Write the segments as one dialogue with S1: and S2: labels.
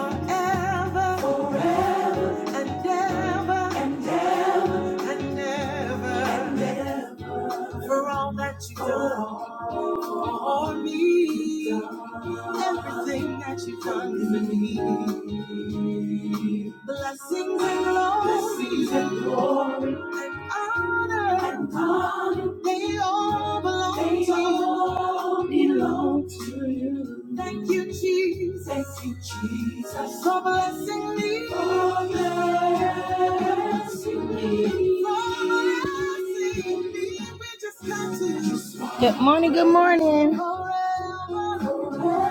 S1: forever and ever for all that you've done for me, everything that you've done for me. Blessings and glory, blessings and glory, and honor, and honor, they all belong, they to all you. belong to you. Thank you, Jesus, thank you, Jesus, for blessing me, for blessing me, for blessing me. We just got to just got Good morning, good morning. Forever, forever,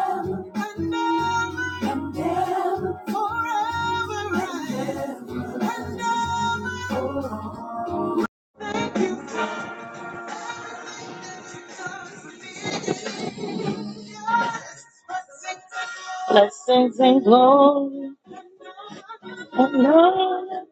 S1: and ever, and ever, forever. Blessings and glory and honor.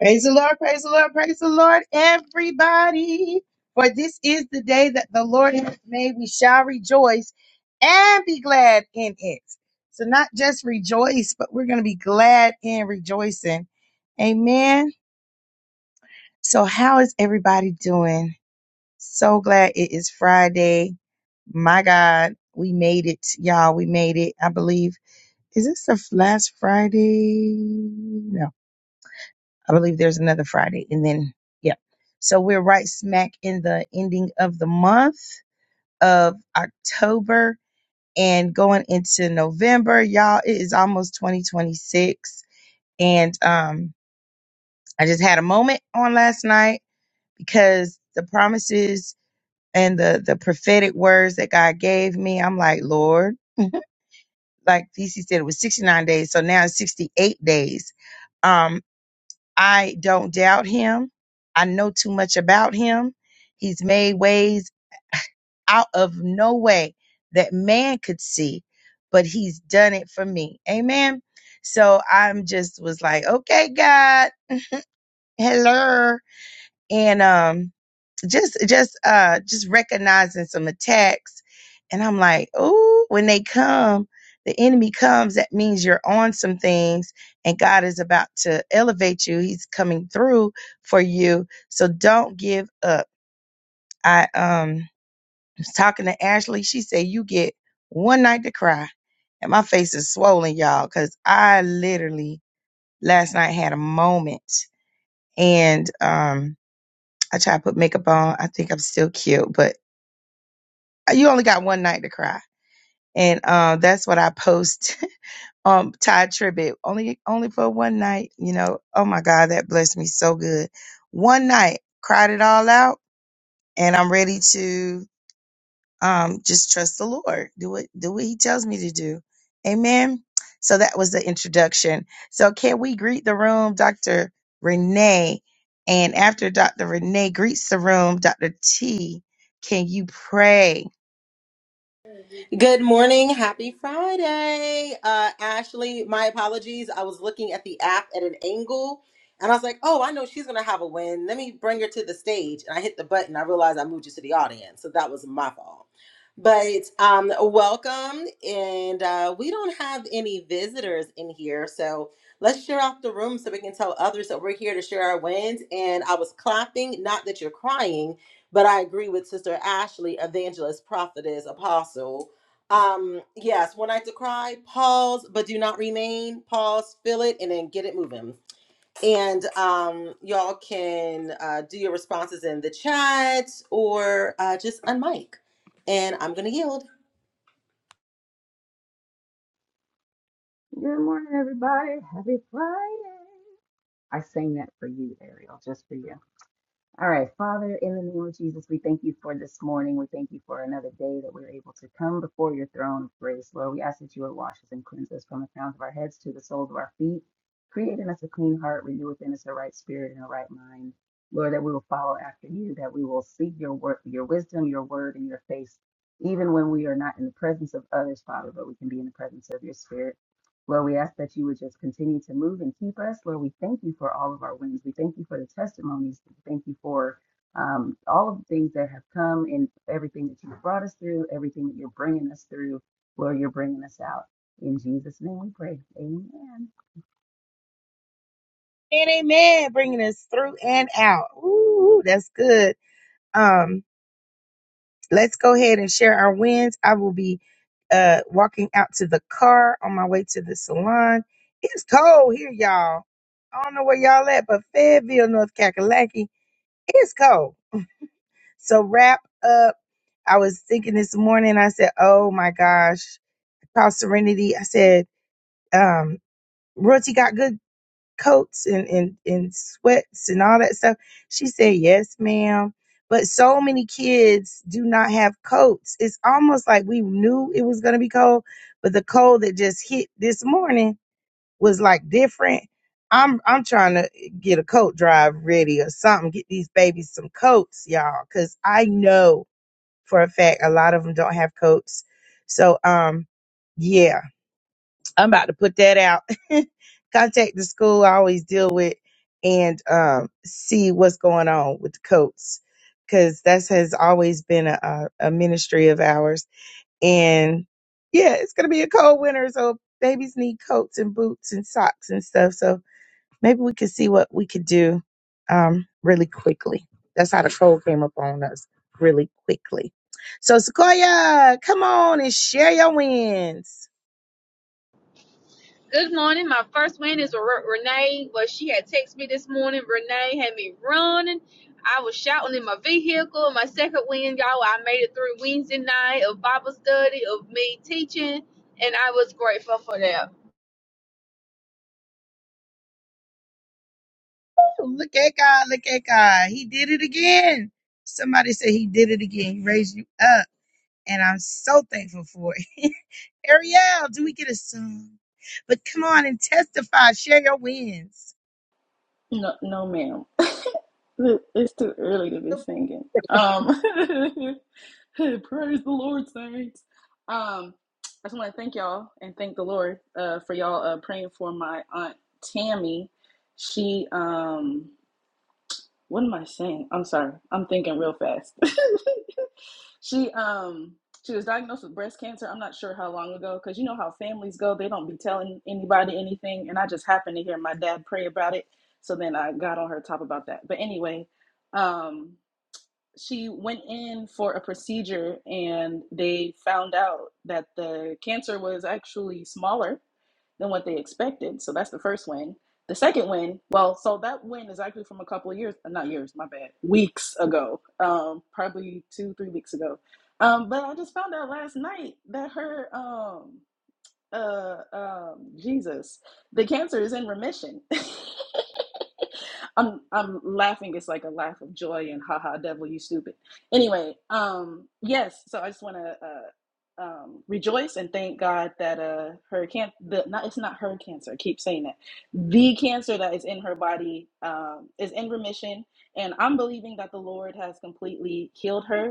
S1: Praise the Lord, praise the Lord, praise the Lord, everybody. For this is the day that the Lord has made. We shall rejoice and be glad in it. So, not just rejoice, but we're going to be glad in rejoicing. Amen. So, how is everybody doing? So glad it is Friday. My God, we made it, y'all. We made it, I believe. Is this the f- last Friday? No, I believe there's another Friday. And then, yeah. So we're right smack in the ending of the month of October and going into November. Y'all, it is almost 2026. And um, I just had a moment on last night because the promises and the, the prophetic words that God gave me, I'm like, Lord, like DC said, it was 69 days. So now it's 68 days. Um. I don't doubt him. I know too much about him. He's made ways out of no way that man could see, but he's done it for me. Amen. So I'm just was like, okay, God, hello. And um just just uh just recognizing some attacks and i'm like oh when they come the enemy comes that means you're on some things and god is about to elevate you he's coming through for you so don't give up i um was talking to ashley she said you get one night to cry and my face is swollen y'all because i literally last night had a moment and um i try to put makeup on i think i'm still cute but you only got one night to cry. And um, that's what I post on Ty Tribbett. Only only for one night, you know. Oh my God, that blessed me so good. One night, cried it all out, and I'm ready to um just trust the Lord. Do what do what he tells me to do. Amen. So that was the introduction. So can we greet the room, Dr. Renee? And after Dr. Renee greets the room, Dr. T, can you pray?
S2: Good morning. Happy Friday. Uh, Ashley, my apologies. I was looking at the app at an angle and I was like, oh, I know she's going to have a win. Let me bring her to the stage. And I hit the button. I realized I moved you to the audience. So that was my fault. But um, welcome. And uh, we don't have any visitors in here. So let's share out the room so we can tell others that we're here to share our wins. And I was clapping, not that you're crying. But I agree with Sister Ashley, evangelist, prophetess, apostle um, yes, when I decry, pause, but do not remain. Pause, fill it, and then get it moving. And um, y'all can uh, do your responses in the chat or uh, just unmic. And I'm gonna yield.
S3: Good morning, everybody. Happy Friday. I sang that for you, Ariel, just for you. All right, Father, in the name of Jesus, we thank you for this morning. We thank you for another day that we're able to come before your throne of grace. Lord, we ask that you would wash us and cleanse us from the crowns of our heads to the soles of our feet, Create in us a clean heart, renew within us a right spirit and a right mind. Lord, that we will follow after you, that we will seek your word, your wisdom, your word, and your face, even when we are not in the presence of others, Father, but we can be in the presence of your spirit. Lord, we ask that you would just continue to move and keep us. Lord, we thank you for all of our wins. We thank you for the testimonies. We thank you for um, all of the things that have come and everything that you've brought us through, everything that you're bringing us through. Lord, you're bringing us out. In Jesus' name we pray. Amen.
S1: And amen, bringing us through and out. Ooh, that's good. Um, let's go ahead and share our wins. I will be uh walking out to the car on my way to the salon. It's cold here, y'all. I don't know where y'all at, but Fayetteville, North Kakalaki, it's cold. So wrap up. I was thinking this morning, I said, Oh my gosh, call Serenity. I said, um, Royalty got good coats and, and, and sweats and all that stuff? She said, Yes, ma'am. But so many kids do not have coats. It's almost like we knew it was going to be cold, but the cold that just hit this morning was like different. I'm I'm trying to get a coat drive ready or something. Get these babies some coats, y'all, because I know for a fact a lot of them don't have coats. So um, yeah, I'm about to put that out. Contact the school I always deal with and um, see what's going on with the coats because that has always been a, a, a ministry of ours. And yeah, it's going to be a cold winter, so babies need coats and boots and socks and stuff. So maybe we could see what we could do um, really quickly. That's how the cold came up on us really quickly. So Sequoia, come on and share your wins.
S4: Good morning. My first win is R- Renee. Well, she had texted me this morning. Renee had me running. I was shouting in my vehicle. My second win, y'all, I made it through Wednesday night of Bible study, of me teaching, and I was grateful for that.
S1: Look at God. Look at God. He did it again. Somebody said he did it again. He raised you up. And I'm so thankful for it. Ariel, do we get a song? But come on and testify. Share your wins.
S5: No, no, ma'am. It- It's too early to be
S1: So
S5: singing. Um, praise the Lord, saints. Um, I just want to thank y'all and thank the Lord uh, for y'all uh, praying for my aunt Tammy. She um what am I saying? I'm sorry. I'm thinking real fast. she um she was diagnosed with breast cancer. I'm not sure how long ago because you know how families go. They don't be telling anybody anything, and I just happened to hear my dad pray about it. So then I got on her top about that. But anyway, um she went in for a procedure and they found out that the cancer was actually smaller than what they expected. So that's the first win. The second win, well, so that win is actually from a couple of years, not years, my bad, weeks ago, um, probably two, three weeks ago. Um, but I just found out last night that her, um, uh, um, Jesus, the cancer is in remission. I'm I'm laughing. It's like a laugh of joy and haha, devil, you stupid. Anyway, um, yes. So I just want to uh, um, rejoice and thank God that uh, her can the not it's not her cancer. I keep saying that the cancer that is in her body um, is in remission, and I'm believing that the Lord has completely healed her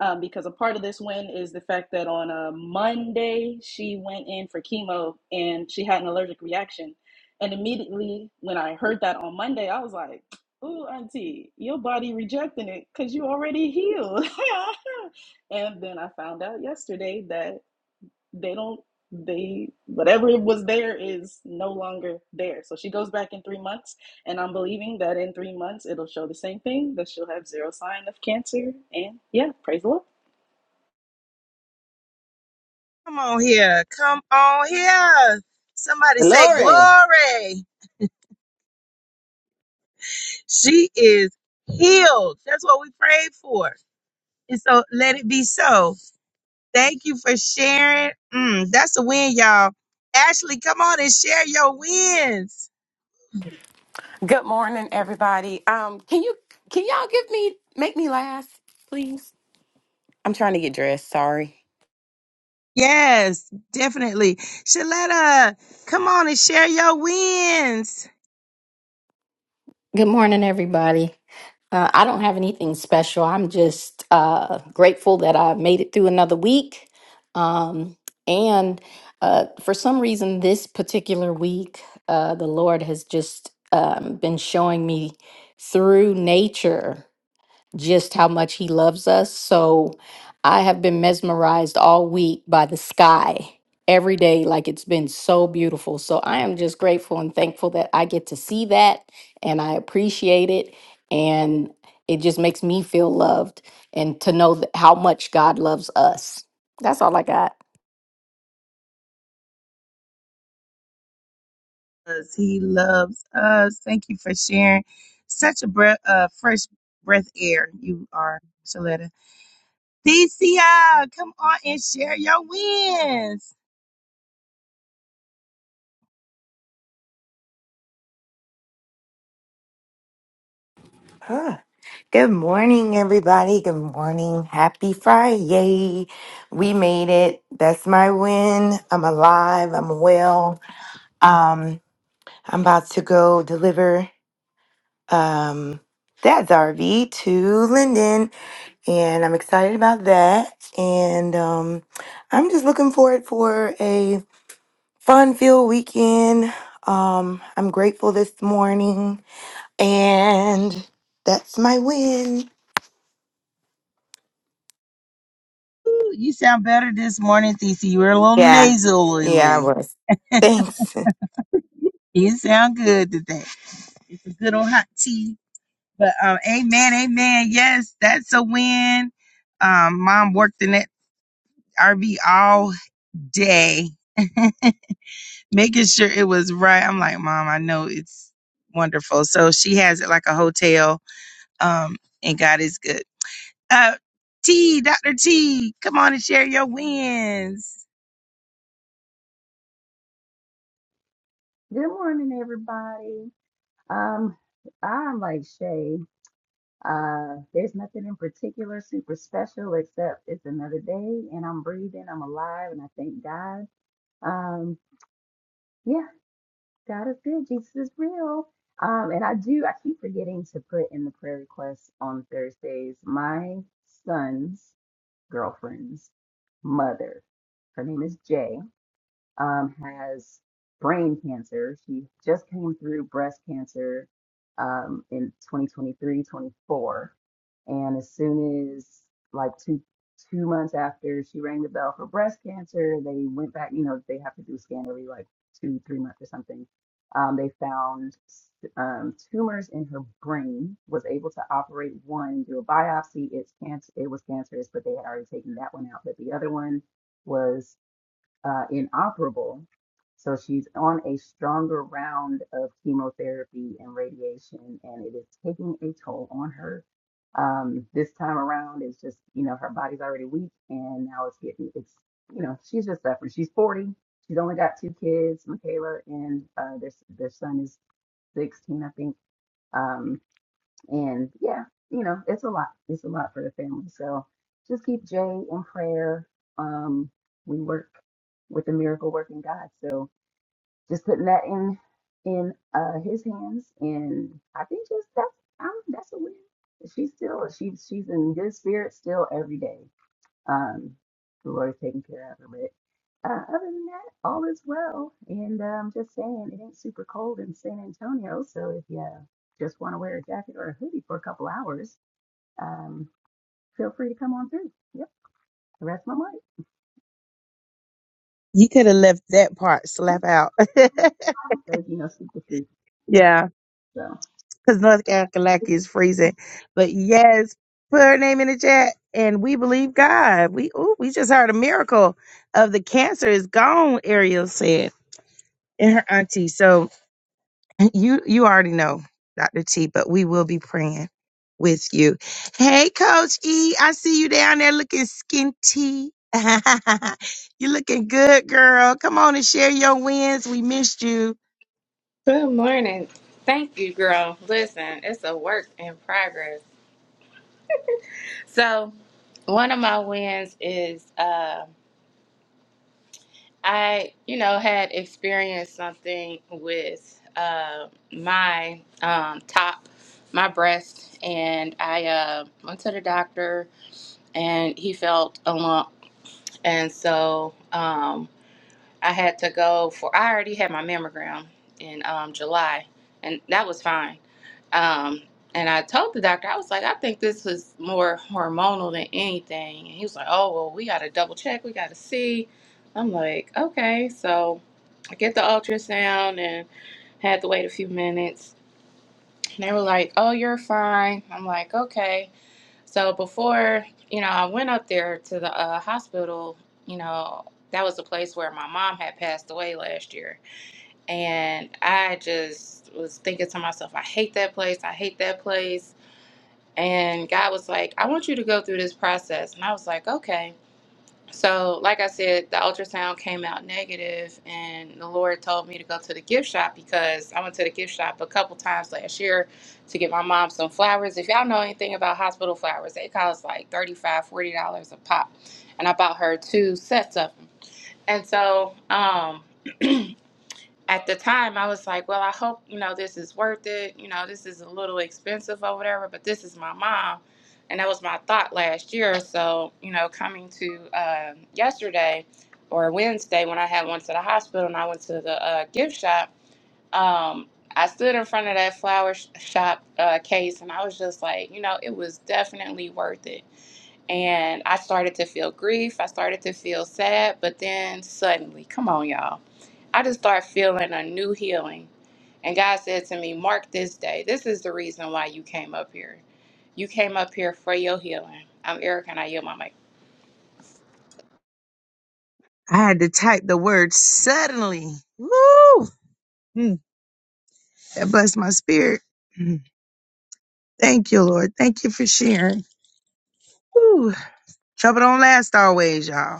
S5: um, because a part of this win is the fact that on a Monday she went in for chemo and she had an allergic reaction. And immediately when I heard that on Monday, I was like, "Ooh, auntie, your body rejecting it because you already healed." and then I found out yesterday that they don't they whatever was there is no longer there. So she goes back in three months, and I'm believing that in three months it'll show the same thing that she'll have zero sign of cancer. And yeah, praise the Lord.
S1: Come on here. Come on here. Somebody say
S2: Glory.
S1: glory. She is healed. That's what we prayed for. And so let it be so. Thank you for sharing. Mm, that's a win, y'all. Ashley, come on and share your wins.
S6: Good morning, everybody. Um, can you can y'all give me make me last, please? I'm trying to get dressed. Sorry.
S1: Yes, definitely. Shaletta, come on and share your wins.
S7: Good morning, everybody. Uh, I don't have anything special. I'm just uh, grateful that I made it through another week. Um, and uh, for some reason, this particular week, uh, the Lord has just um, been showing me through nature just how much he loves us. So I have been mesmerized all week by the sky every day. Like it's been so beautiful. So I am just grateful and thankful that I get to see that and I appreciate it. And it just makes me feel loved and to know that how much God loves us. That's all I got.
S1: 'Cause He loves us. Thank you for sharing. Such a breath, uh, fresh breath air you are, Shaletta. Thecia, come on and share your wins.
S8: Ah, Good morning, everybody. Good morning. Happy Friday. We made it. That's my win. I'm alive. I'm well. Um, I'm about to go deliver um Dad's RV to Linden, and I'm excited about that. And um, I'm just looking forward for a fun-filled weekend. Um, I'm grateful this morning, and that's my win.
S1: Ooh, you sound better this morning, Thecia. You were a little
S8: Yeah. Yeah, I
S1: nasally.
S8: was. Thanks.
S1: You sound good today. It's a good old hot tea. But um, amen, amen. Yes, that's a win. Um, mom worked in that RV all day making sure it was right. I'm like, Mom, I know it's wonderful. So she has it like a hotel, um, and God is good. Uh, T, Dr. T, come on and share your wins.
S3: Good morning, everybody. Um, I'm like Shay. Uh, there's nothing in particular super special except it's another day and I'm breathing, I'm alive, and I thank God. Um, yeah. God is good. Jesus is real. Um, and I do, I keep forgetting to put in the prayer requests on Thursdays. My son's girlfriend's mother, her name is Jay um, has brain cancer. She just came through breast cancer um, in 2023, 24. And as soon as like two two months after she rang the bell for breast cancer, they went back. You know, they have to do a scan every like two three months or something. Um, they found um, tumors in her brain. Was able to operate one, do a biopsy. It's cancer. It was cancerous, but they had already taken that one out. But the other one was uh, inoperable. So she's on a stronger round of chemotherapy and radiation, and it is taking a toll on her. Um, this time around, it's just, you know, her body's already weak, and now it's getting, it's, you know, she's just suffering. She's 40. She's only got two kids, Michaela, and uh, their, their son is 16, I think. Um, and yeah, you know, it's a lot. It's a lot for the family. So just keep Jay in prayer. Um, we work with the miracle working God. So just putting that in in uh his hands and I think just that's I don't, that's a win. She's still she's she's in good spirits still every day. Um, the Lord's taking care of her. But uh, other than that, all is well. And i um, just saying, it ain't super cold in San Antonio. So if you just want to wear a jacket or a hoodie for a couple hours, um, feel free to come on through. Yep, the rest of my life.
S1: You could have left that part slap out.
S3: So, you know, speak the truth.
S1: yeah,
S3: So,
S1: because North Carolina is freezing. But yes, put her name in the chat, and we believe God. We ooh, we just heard a miracle of the cancer is gone. Ariel said, and her auntie. So You you already know, Dr. T, but we will be praying with you. Hey Coach E, I see you down there looking skinty. you looking good, girl. Come on and share your wins. We missed you.
S9: Good morning. Thank you, girl. Listen, it's a work in progress. So, one of my wins is uh, I, you know, had experienced something with uh, my um, top, my breast, and I uh, went to the doctor, and he felt a lump, and so. Um, I had to go for I already had my mammogram in um, July, and that was fine. Um, and I told the doctor, I was like, I think this was more hormonal than anything. And he was like, Oh well, we got to double check. We got to see. I'm like, Okay. So I get the ultrasound and had to wait a few minutes. And they were like, Oh, you're fine. I'm like, Okay. So before, you know, I went up there to the uh, hospital, you know, that was the place where my mom had passed away last year. And I just was thinking to myself, I hate that place. I hate that place. And God was like, I want you to go through this process. And I was like, okay. So, like I said, the ultrasound came out negative, and the Lord told me to go to the gift shop because I went to the gift shop a couple times last year to get my mom some flowers. If y'all know anything about hospital flowers, they cost like thirty-five, forty dollars dollars a pop. And I bought her two sets of them. And so, um, at the time I was like, well, I hope, you know, this is worth it. You know, this is a little expensive or whatever, but this is my mom. And that was my thought last year. So, you know, coming to um, yesterday or Wednesday when I had went to the hospital and I went to the uh, gift shop, um, I stood in front of that flower sh- shop uh, case and I was just like, you know, it was definitely worth it. And I started to feel grief. I started to feel sad, but then suddenly, come on, y'all. I just start feeling a new healing. And God said to me, Mark this day. This is the reason why you came up here. You came up here for your healing. I'm Erica and I yield my mic.
S1: I had to type the word suddenly. Woo! Mm, That blessed my spirit. Mm, Thank you, Lord. Thank you for sharing. Woo. Trouble don't last always, y'all.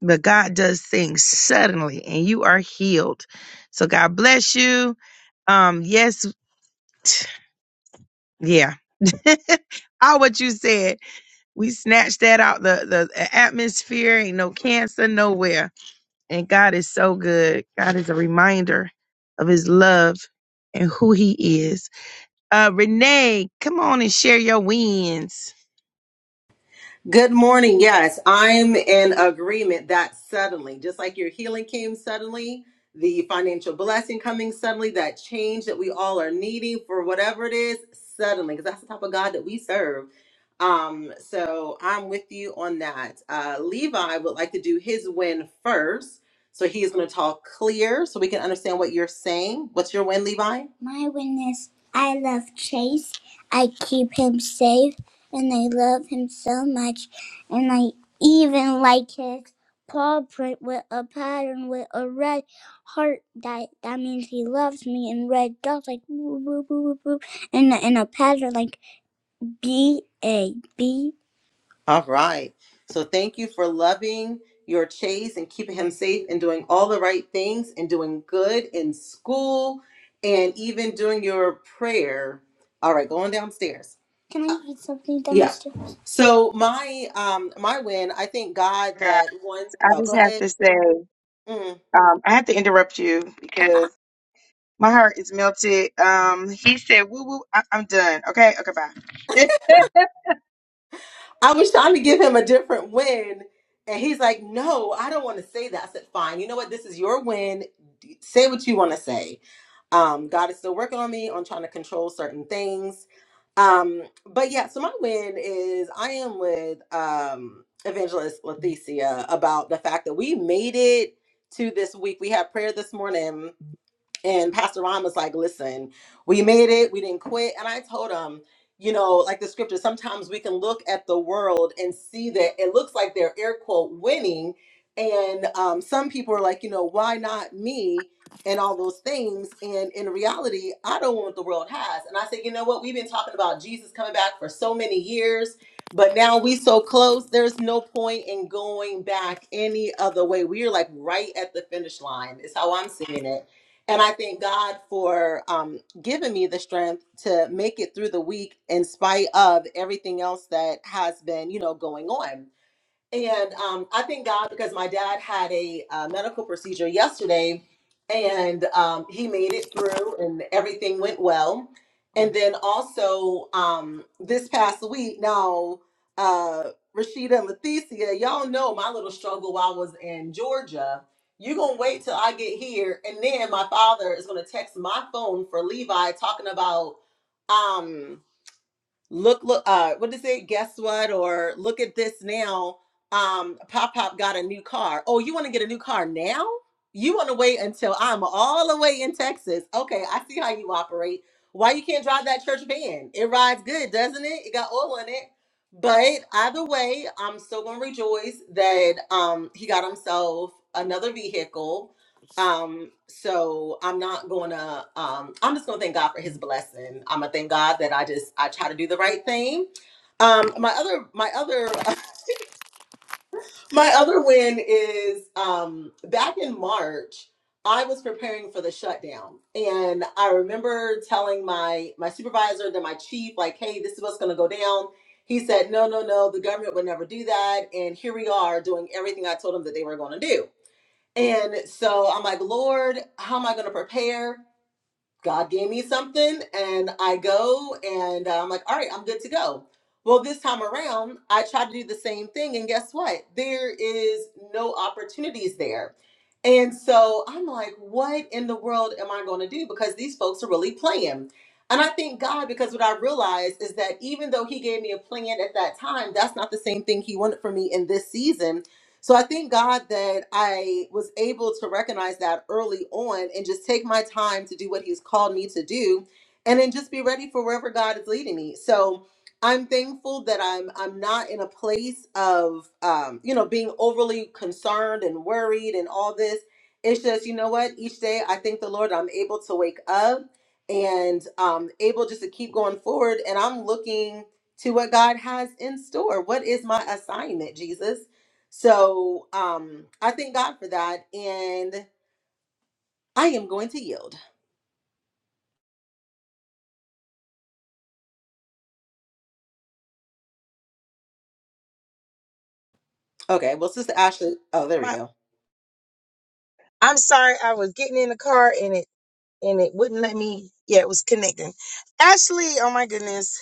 S1: but God does things suddenly and you are healed. So God bless you. Um, yes, yeah. All what you said, we snatched that out the the atmosphere. Ain't no cancer nowhere, and God is so good. God is a reminder of His love and who He is. Uh, Renee, come on and share your wins.
S2: Good morning. Yes, I'm in agreement that suddenly, just like your healing came suddenly, the financial blessing coming suddenly, that change that we all are needing for whatever it is, suddenly, because that's the type of God that we serve. Um, so I'm with you on that. Uh, Levi would like to do his win first. So he's going to talk clear so we can understand what you're saying. What's your win, Levi? My win is I love Chase. I keep him safe and I love him so much, and I even like his paw print with a pattern with a red heart. That that means he loves me, and red dots like boop boop boop boop, boop, and a- and a pattern like B A B A. All right. So thank you for loving your Chase and keeping him safe and doing all the right things and doing good in school and even doing your prayer. All right, going downstairs. Can I read something downstairs? Yeah. So my um my win, I thank God
S1: Guys,
S2: that one
S1: I
S2: oh go
S1: just have
S2: ahead.
S1: to say,
S2: Mm-hmm.
S1: um, I have to interrupt you because. My heart is melted. Um, he said, "Woo woo." I- I'm done. Okay. Okay. Bye.
S2: I was trying to give him a different win, and he's like, "No, I don't want to say that." I said, "Fine. You know what? This is your win. D- Say what you want to say." Um, God is still working on me on trying to control certain things. Um, but yeah, so my win is I am with um, Evangelist Leticia about the fact that we made it to this week. We had prayer this morning. And Pastor Ron was like, listen, we made it. We didn't quit. And I told him, you know, like the scripture, sometimes we can look at the world and see that it looks like they're air quote winning. And um, some people are like, you know, why not me? And all those things. And in reality, I don't want what the world has. And I say, you know what? We've been talking about Jesus coming back for so many years, but now we so close, there's no point in going back any other way. We are like right at the finish line, is how I'm seeing it. And I thank God for um, given me the strength to make it through the week in spite of everything else that has been, you know, going on and um, I thank God because my dad had a uh, medical procedure yesterday and um, he made it through and everything went well. And then also um, this past week, now, uh, Rashida and Leticia, y'all know my little struggle while I was in Georgia. You're going to wait till I get here. And then my father is going to text my phone for Levi talking about. um, look look uh what is it guess what or look at this now um pop pop got a new car oh you want to get a new car now you want to wait until i'm all the way in texas okay i see how you operate why you can't drive that church van it rides good doesn't it it got oil in it but either way i'm still gonna rejoice that um he got himself another vehicle um, so I'm not gonna um I'm just gonna thank God for his blessing. I'm gonna thank God that I just I try to do the right thing. Um my other my other my other win is um back in March I was preparing for the shutdown and I remember telling my my supervisor then my chief like hey this is what's gonna go down. He said no no no the government would never do that and here we are doing everything I told them that they were gonna do. And so I'm like, Lord, how am I going to prepare? God gave me something, and I go, and uh, I'm like, all right, I'm good to go. Well, this time around, I tried to do the same thing, and guess what? There is no opportunities there. And so I'm like, what in the world am I going to do? Because these folks are really playing. And I thank God because what I realized is that even though He gave me a plan at that time, that's not the same thing He wanted for me in this season. So I thank God that I was able to recognize that early on and just take my time to do what He's called me to do and then just be ready for wherever God is leading me. So, I'm thankful that I'm I'm not in a place of um, you know being overly concerned and worried and all this. It's just you know what each day I thank the Lord I'm able to wake up and um, able just to keep going forward and I'm looking to what God has in store. What is my assignment, Jesus? So um, I thank God for that and I am going to yield. Okay, well, Sister Ashley. Oh, there we
S1: my.
S2: go.
S1: I'm sorry. I was getting in the car and it and it wouldn't let me. Yeah, it was connecting. Ashley, oh my goodness,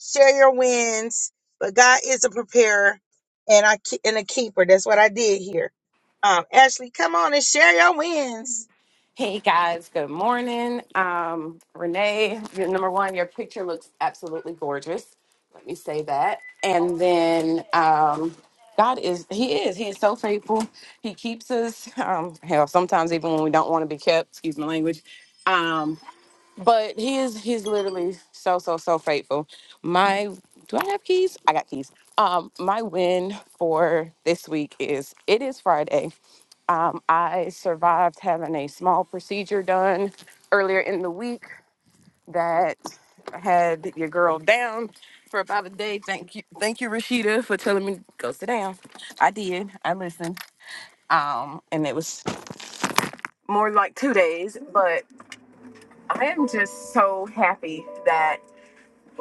S1: share your wins. But God is a preparer and I ke- and a keeper. That's what I did here. Um, Ashley, come on and share your wins.
S6: Hey guys, good morning. Um, Renee, your number one, your picture looks absolutely gorgeous. Let me say that. And then um, God is He is He is so faithful. He keeps us. Um, hell, sometimes even when we don't want to be kept. Excuse my language. um, But he is he's literally so so so faithful. My do I have keys? I got keys. Um my win for this week is it is Friday. Um I survived having a small procedure done earlier in the week that had your girl down for about a day. Thank you. Thank you Rashida for telling me to go sit down. I did. I listened. Um and it was more like 2 days, but I am just so happy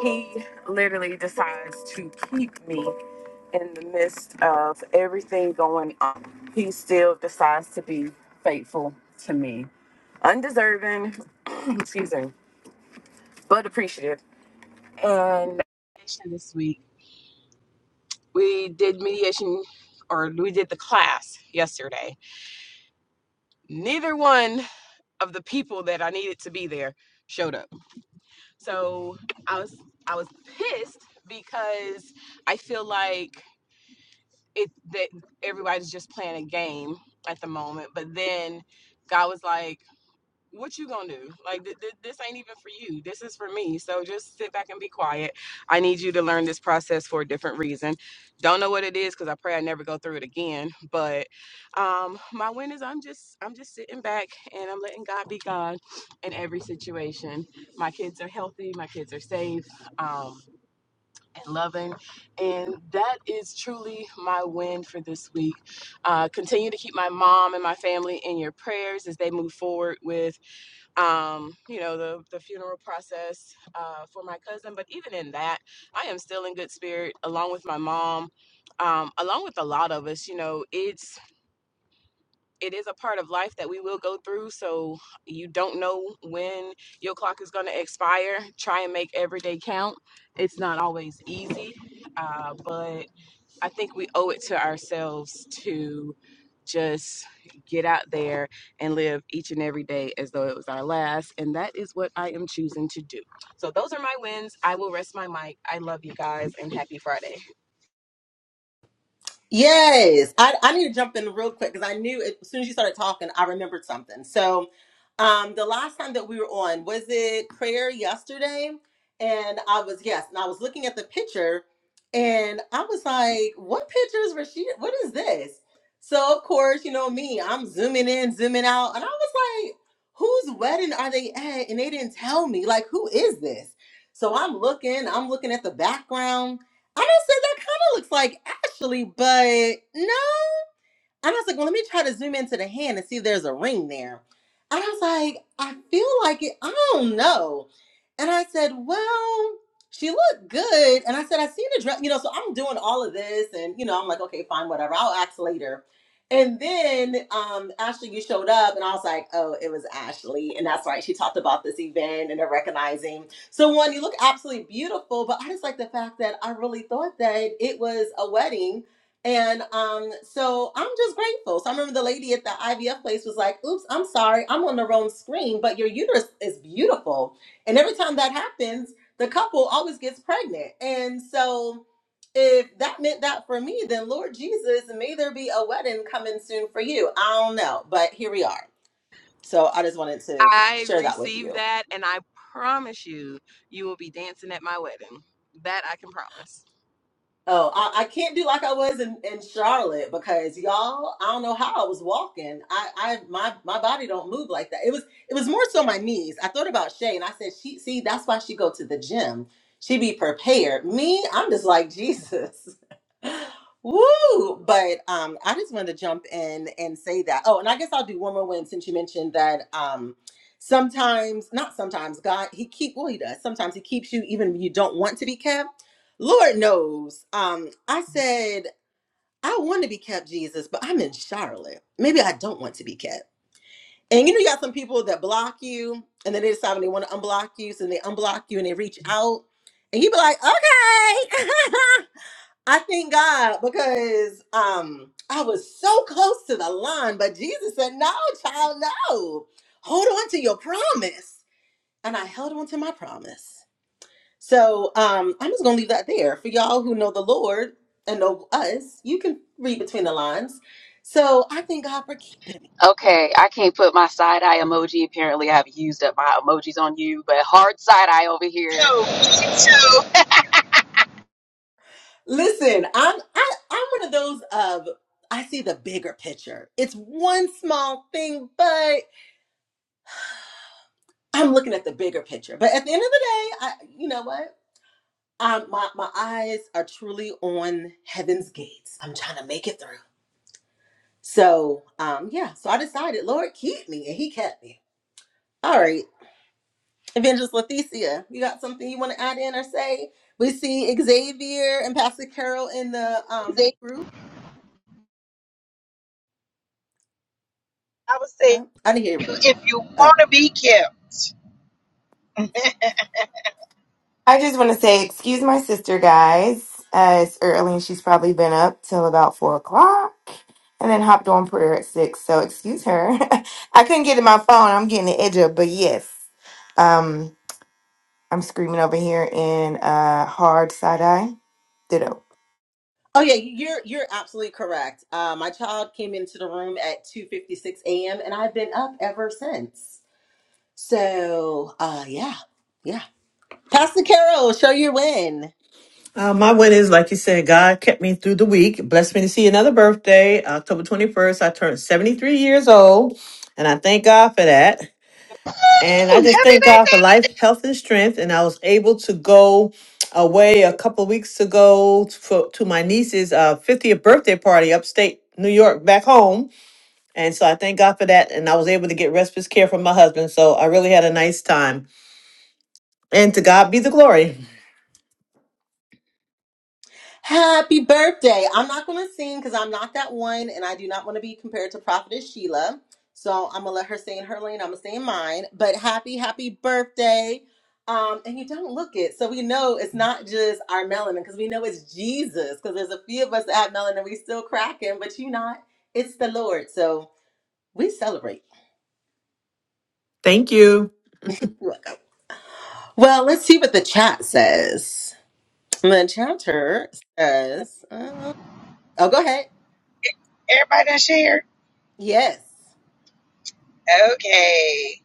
S6: he literally decides to keep me in the midst of everything going on. He still decides to be faithful to me. Undeserving, excuse me, but appreciative. And mediation this week, we did mediation or we did the class yesterday. Neither one of the people that I needed to be there showed up. So I was I was pissed because I feel like it that everybody's just playing a game at the moment. But then God was like, "What you gonna do? Like th- th- this ain't even for you. This is for me. So just sit back and be quiet. I need you to learn this process for a different reason. Don't know what it is because I pray I never go through it again. But um, my win is I'm just I'm just sitting back and I'm letting God be God in every situation. My kids are healthy. My kids are safe. Um, and loving. And that is truly my win for this week. Uh, continue to keep my mom and my family in your prayers as they move forward with, um, you know, the, the funeral process uh, for my cousin. But even in that, I am still in good spirit along with my mom. Um, along with a lot of us, you know, it's it is a part of life that we will go through. So you don't know when your clock is going to expire. Try and make every day count. It's not always easy, uh, but I think we owe it to ourselves to just get out there and live each and every day as though it was our last. And that is what I am choosing to do. So those are my wins. I will rest my mic. I love you guys and happy Friday.
S2: Yes, I, I need to jump in real quick because I knew it, as soon as you started talking, I remembered something. So, um, the last time that we were on was it prayer yesterday, and I was yes, and I was looking at the picture, and I was like, "What pictures were she? What is this?" So of course, you know me, I'm zooming in, zooming out, and I was like, "Whose wedding are they at?" And they didn't tell me. Like, who is this? So I'm looking, I'm looking at the background. I of looks like Ashley, but no. And I was like, well, let me try to zoom into the hand and see if there's a ring there. And I was like, I feel like it, I don't know. And I said, well, she looked good. And I said, I seen the dress, you know, so I'm doing all of this. And, you know, I'm like, okay, fine, whatever. I'll ask later. And then um, Ashley, you showed up, and I was like, oh, it was Ashley. And that's right. She talked about this event and her recognizing. So, one, you look absolutely beautiful, but I just like the fact that I really thought that it was a wedding and um, so I'm just grateful. So I remember the lady at the IVF place was like, oops, I'm sorry, I'm on the wrong screen, but your uterus is beautiful. And every time that happens, the couple always gets pregnant. And so if that meant that for me, then Lord Jesus, may there be a wedding coming soon for you. I don't know, but here we are. So I just wanted to
S6: I
S2: share that with
S6: received
S2: you.
S6: that, and I promise you, you will be dancing at my wedding. That I can promise.
S2: Oh, I, I can't do like I was in, in Charlotte because y'all, I don't know how I was walking. I, I my my body don't move like that. It was it was more so my knees. I thought about Shay and I said, she see, that's why she go to the gym. She be prepared. Me, I'm just like Jesus. Woo! But um I just wanted to jump in and say that. Oh, and I guess I'll do one more win since you mentioned that um sometimes not sometimes God he keep well he does. Sometimes he keeps you even when you don't want to be kept Lord knows. Um, I said, I want to be kept, Jesus, but I'm in Charlotte. Maybe I don't want to be kept. And you know, you got some people that block you and then they decide when they want to unblock you. So they unblock you and they reach out. And you be like, okay. I thank God because um I was so close to the line, but Jesus said, No, child, no. Hold on to your promise. And I held on to my promise. So um, I'm just gonna leave that there for y'all who know the Lord and know us. You can read between the lines. So I thank God for keeping.
S3: Okay.
S1: So, she tell
S2: Listen, I'm I, I'm one of those of I see the bigger picture. It's one small thing, but I'm looking at the bigger picture. But at the end of the day, I you know what? Um, my my eyes are truly on heaven's gates. I'm trying to make it through. So um, yeah. So I decided, Lord, keep me, and He kept me. All right. Evangelist Leticia, you got something you want to add in or say? We see Xavier and Pastor Carol in the um
S1: See,
S2: group.
S1: I would say
S2: Oh, I didn't hear. You.
S1: if you
S2: Oh,
S1: want to be kept.
S8: I just want to say, excuse my sister, guys. Uh, it's early and she's probably been up till about four o'clock and then hopped on prayer at six. So excuse her. I couldn't get to my phone. I'm getting the edge up, but yes. Um, I'm screaming over here in uh, hard side eye. Ditto.
S2: oh yeah, you're you're absolutely correct. Uh, my child came into the room at two fifty six a.m. and I've been up ever since. So, uh, yeah, yeah. Pastor Carol, show your win.
S10: Uh, my win is, like you said, God kept me through the week, blessed me to see another birthday. October 21st, I turned 73 years old, and I thank God for that. And I just thank God for life, health, and strength. And I was able to go away a couple of weeks ago t- for, to my niece's uh, 50th birthday party upstate New York back home. And so I thank God for that. And I was able to get respite care from my husband. So I really had a nice time. And to God be the glory.
S2: Happy birthday. I'm not going to sing because I'm not that one and I do not want to be compared to Prophetess Sheila. So I'm going to let her stay in her lane. I'm going to stay in mine. But happy, happy birthday. Um, and you don't look it. So we know it's not just our melanin because we know it's Jesus because there's a few of us that have melanin. We still cracking, but you not. It's the Lord. So we celebrate.
S10: Thank you.
S2: You're welcome. Well, let's see what the chat says. The chatter says, uh, oh, go ahead.
S1: Everybody done share?
S2: Yes.
S1: Okay.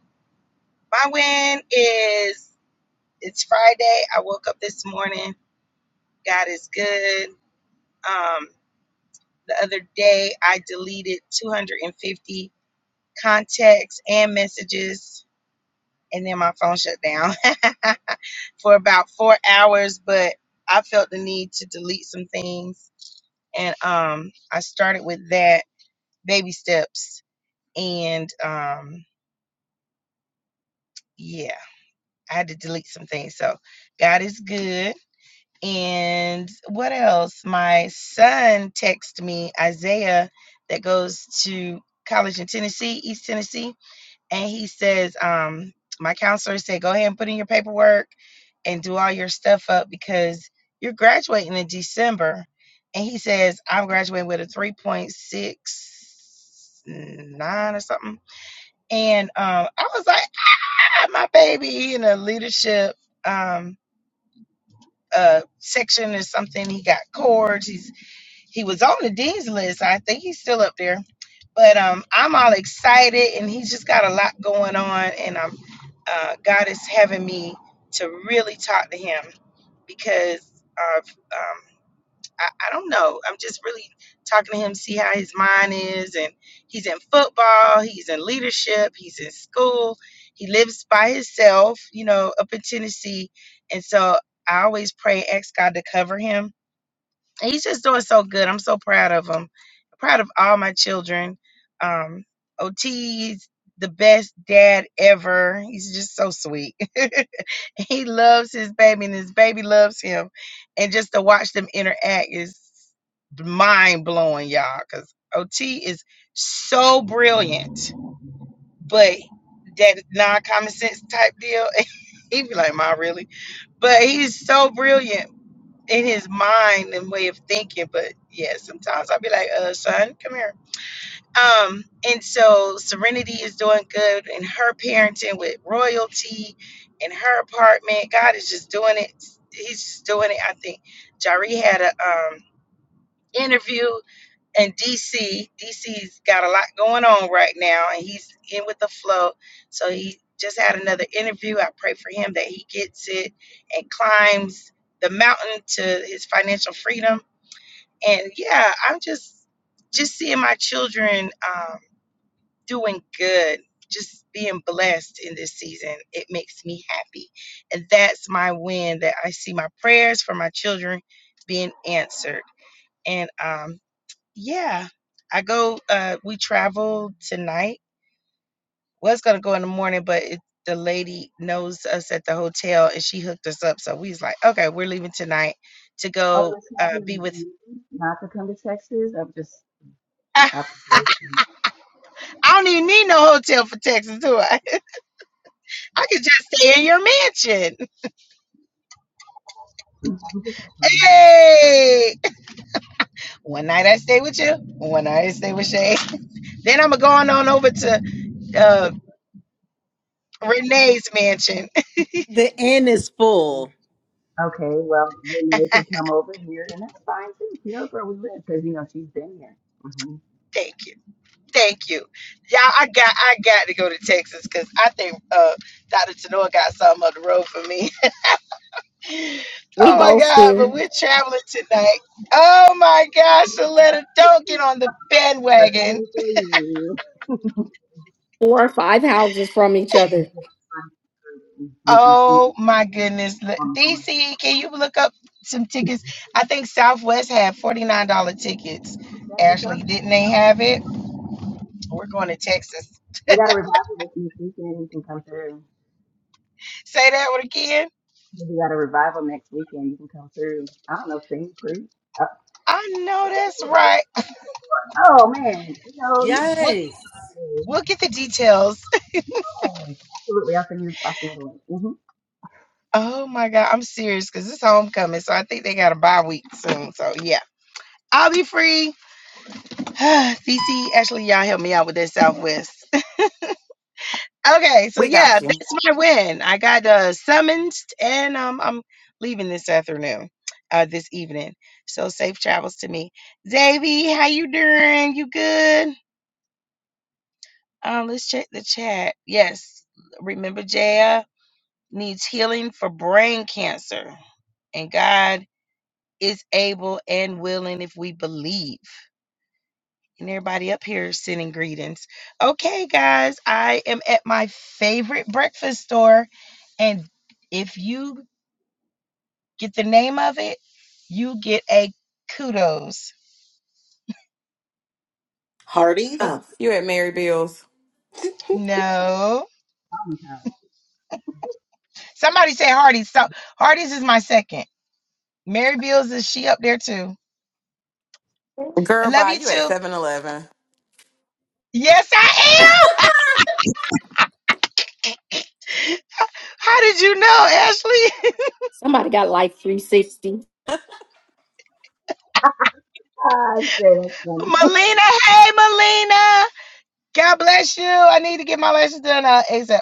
S1: My win is it's Friday. I woke up this morning. God is good. Um, The other day, I deleted 250 contacts and messages, and then my phone shut down for about four hours. But I felt the need to delete some things, and um, I started with that baby steps, and um, yeah, I had to delete some things. So God is good. And what else? My son texted me, Isaiah, that goes to college in Tennessee, East Tennessee. And he says, um, my counselor said, go ahead and put in your paperwork and do all your stuff up because you're graduating in December. And he says, I'm graduating with a 3.69 or something. And um, I was like, ah, my baby in a leadership. Um, uh section or something. He got cords. He's he was on the dean's list. I think he's still up there. But um I'm all excited and he's just got a lot going on and I'm uh God is having me to really talk to him because of um I, I don't know. I'm just really talking to him, see how his mind is. And he's in football, he's in leadership, he's in school, he lives by himself, you know, up in Tennessee. And so I always pray, ask God to cover him and he's just doing so good. I'm so proud of him. Proud of all my children. Um, OT's the best dad ever. He's just so sweet. he loves his baby, and his baby loves him. And just to watch them interact is mind blowing, y'all. Because OT is so brilliant, but that non common sense type deal. he be like, "Ma, really?" But he's so brilliant in his mind and way of thinking. But yeah, sometimes I'll be like, uh, son, come here. Um, and so Serenity is doing good in her parenting with royalty in her apartment. God is just doing it. He's just doing it. I think Jari had a um interview in DC. DC's got a lot going on right now and he's in with the flow. So he just had another interview. I pray for him that he gets it and climbs the mountain to his financial freedom and yeah, I'm just just seeing my children um, doing good, just being blessed in this season. It makes me happy, and that's my win. That I see my prayers for my children being answered, and um, yeah, I go. Uh, we travel tonight. Was gonna go in the morning, but it, the lady knows us at the hotel, and she hooked us up. So we was like, okay, we're leaving tonight to
S3: other
S1: go uh,
S3: traveling
S1: be
S3: in the
S1: with.
S3: evening, not to come to Texas, I'm just, I've
S1: I don't even need no hotel for Texas, do I? I could just stay in your mansion. Hey! One night I stay with you, one night I stay with Shay. Then I'm going on over to uh, Renee's mansion.
S2: The end is full.
S3: Okay, well, Renee can come over here, and that's fine too. She knows where we live because you know she's been here. hmm
S1: Thank you. Thank you. Y'all, I got I got to go to Texas because I think uh, Dr. Tanoa got something on the road for me.
S7: We
S1: oh my
S7: both
S1: God, but
S7: do
S1: we're traveling tonight. Oh my gosh, Shaletta, don't get on the
S3: We're
S1: bandwagon.
S3: coming to you.
S7: four or five houses from each other.
S3: We can see
S1: Oh
S3: each
S1: my
S3: other
S1: goodness. L-
S3: on the corner.
S1: DC, can you look up some tickets? I think Southwest had $49 tickets.
S3: San
S1: Ashley,
S3: Antonio.
S1: didn't they have it? We're going to Texas.
S3: We got a revival this next weekend. You can come through.
S1: Say that one again.
S3: We got a revival next weekend. You can come through. I don't know, sing, preach. Uh,
S1: I know that's right.
S3: Oh man, you know you can come
S1: We'll,
S2: Yes.
S3: through.
S1: we'll get the details.
S3: Yes, absolutely. I'll send you. I'll send you. Mm-hmm.
S1: Oh my God. I'm serious because it's homecoming. So I think they got a bye week soon. So yeah, I'll be free. DC, Ashley, y'all help me out with that Southwest. Okay, so
S6: We
S1: yeah,
S6: got you.
S1: that's my win. I got uh, summoned, and um, I'm leaving this afternoon, uh, this evening. So safe travels to me, Davy. How you doing? You good? Um, let's check the chat. Yes, remember Jaya needs healing for brain cancer, and God is able and willing if we believe. And everybody up here is sending greetings. Okay, guys, I am at my favorite breakfast store. And if you get the name of it, you get a kudos. What?
S2: Hardee's?
S6: Oh, You at Mary Bill's.
S1: No.
S3: I'll be tired.
S1: Somebody said Hardee's. So Hardee's is my second. Mary Beals, is she up there too? I
S6: Girl,
S1: love
S6: bye.
S1: you
S6: You at
S1: too.
S6: Seven Eleven.
S1: Yes, I am. How did you know, Ashley?
S7: Somebody got like 360.
S3: I say that's funny.
S1: Melina, hey, Melina. God bless you. I need to get my lashes done uh, ASAP.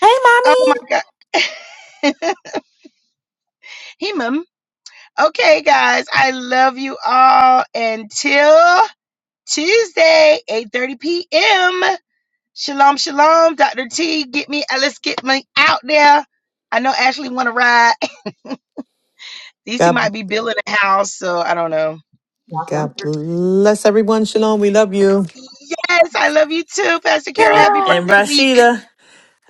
S8: Hey,
S1: Oh my God. Hemum. Okay, guys, I love you all until Tuesday, 8:30 p.m. Shalom, shalom, Dr. T. Get me, uh, let's get me out there. I know Ashley want to ride. DC
S10: God
S1: might be building a house, so I don't know.
S3: Y'all
S10: God
S3: come
S10: bless everyone. Shalom. We love you.
S1: Yes, I love you too, Pastor Carol.
S10: And,
S1: Happy
S8: Dylan.
S10: and
S1: birthday week.
S10: Rashida,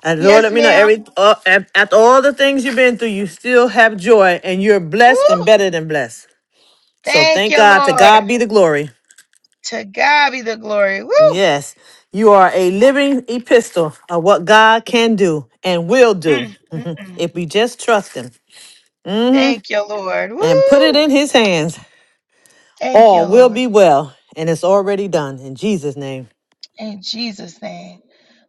S10: and Lord,
S1: Yes,
S10: let me know
S1: ma'am.
S10: every uh, af- after all the things you've been through, you still have joy, and you're blessed and
S1: Woo!
S10: better than blessed. So
S1: Thank
S10: thank
S1: you,
S10: God. To God
S1: Lord.
S10: be the glory.
S1: To God be the glory. Woo!
S10: Yes, you are a living epistle of what God can do and will do
S1: Mm, mm, mm.
S10: if we just trust Him hmm
S1: Thank you, Lord.
S10: and put it
S1: Woo!
S10: in His hands.
S1: Thank you,
S10: All will
S1: Lord.
S10: be well, and it's already done in Jesus' name.
S1: In Jesus' name.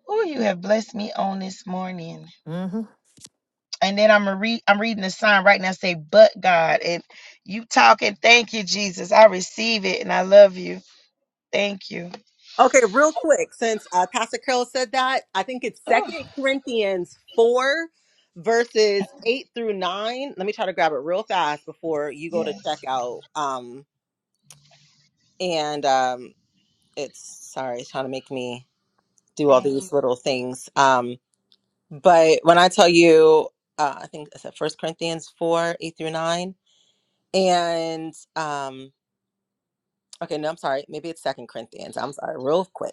S1: Oh, you have blessed me on this morning.
S10: hmm
S1: And then I'm gonna read I'm reading the sign right now say, but God. And you talking, thank you, Jesus. I receive it and I love you. Thank you.
S2: Okay, real quick, since uh, Pastor Carol said that, I think it's
S1: Oh,
S2: Second Corinthians 4, verses 8 through 9. Let me try to grab it real fast before you go to
S1: yes.
S2: checkout. Um, and um, it's, sorry, it's trying to make me do all
S1: Thank
S2: these little things. Um, but when I tell you, uh, I think it's First Corinthians 4, 8 through 9. And, um, okay, no, I'm sorry. Maybe it's Second Corinthians. I'm sorry, real quick.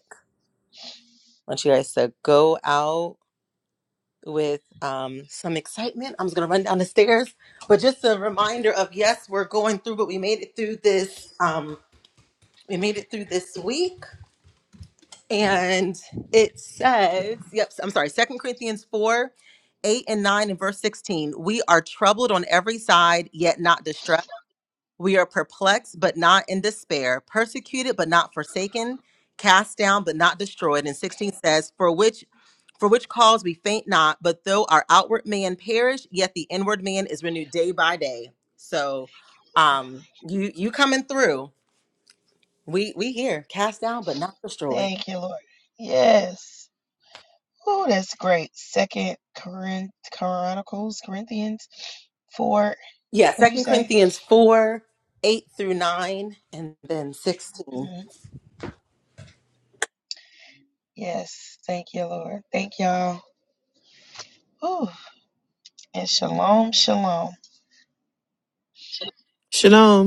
S2: I want you guys to go out with um, some excitement. I'm just going to run down the stairs. But just a reminder of yes, we're going through, but we made it through this. Um, we made it through this week. And it says, yep, I'm sorry, Second Corinthians 4 8 and 9 and verse 16. We are troubled on every side, yet not distressed. We are perplexed, but not in despair, persecuted, but not forsaken, cast down, but not destroyed. And 16 says, For which For which cause we faint not, but though our outward man perish, yet the inward man is renewed day by day. So, um, you you coming through? We we here, cast down but not
S1: you.
S2: destroyed.
S1: Thank you, Lord. Yes. Oh, that's great. Second Corinth Chronicles, Corinthians four.
S2: Yeah,
S1: What'd you
S2: Second
S1: say?
S2: Corinthians four eight through nine, and then sixteen.
S1: Mhm. Yes. Thank you, Lord. Thank y'all. Ooh. And shalom, shalom.
S10: Shalom.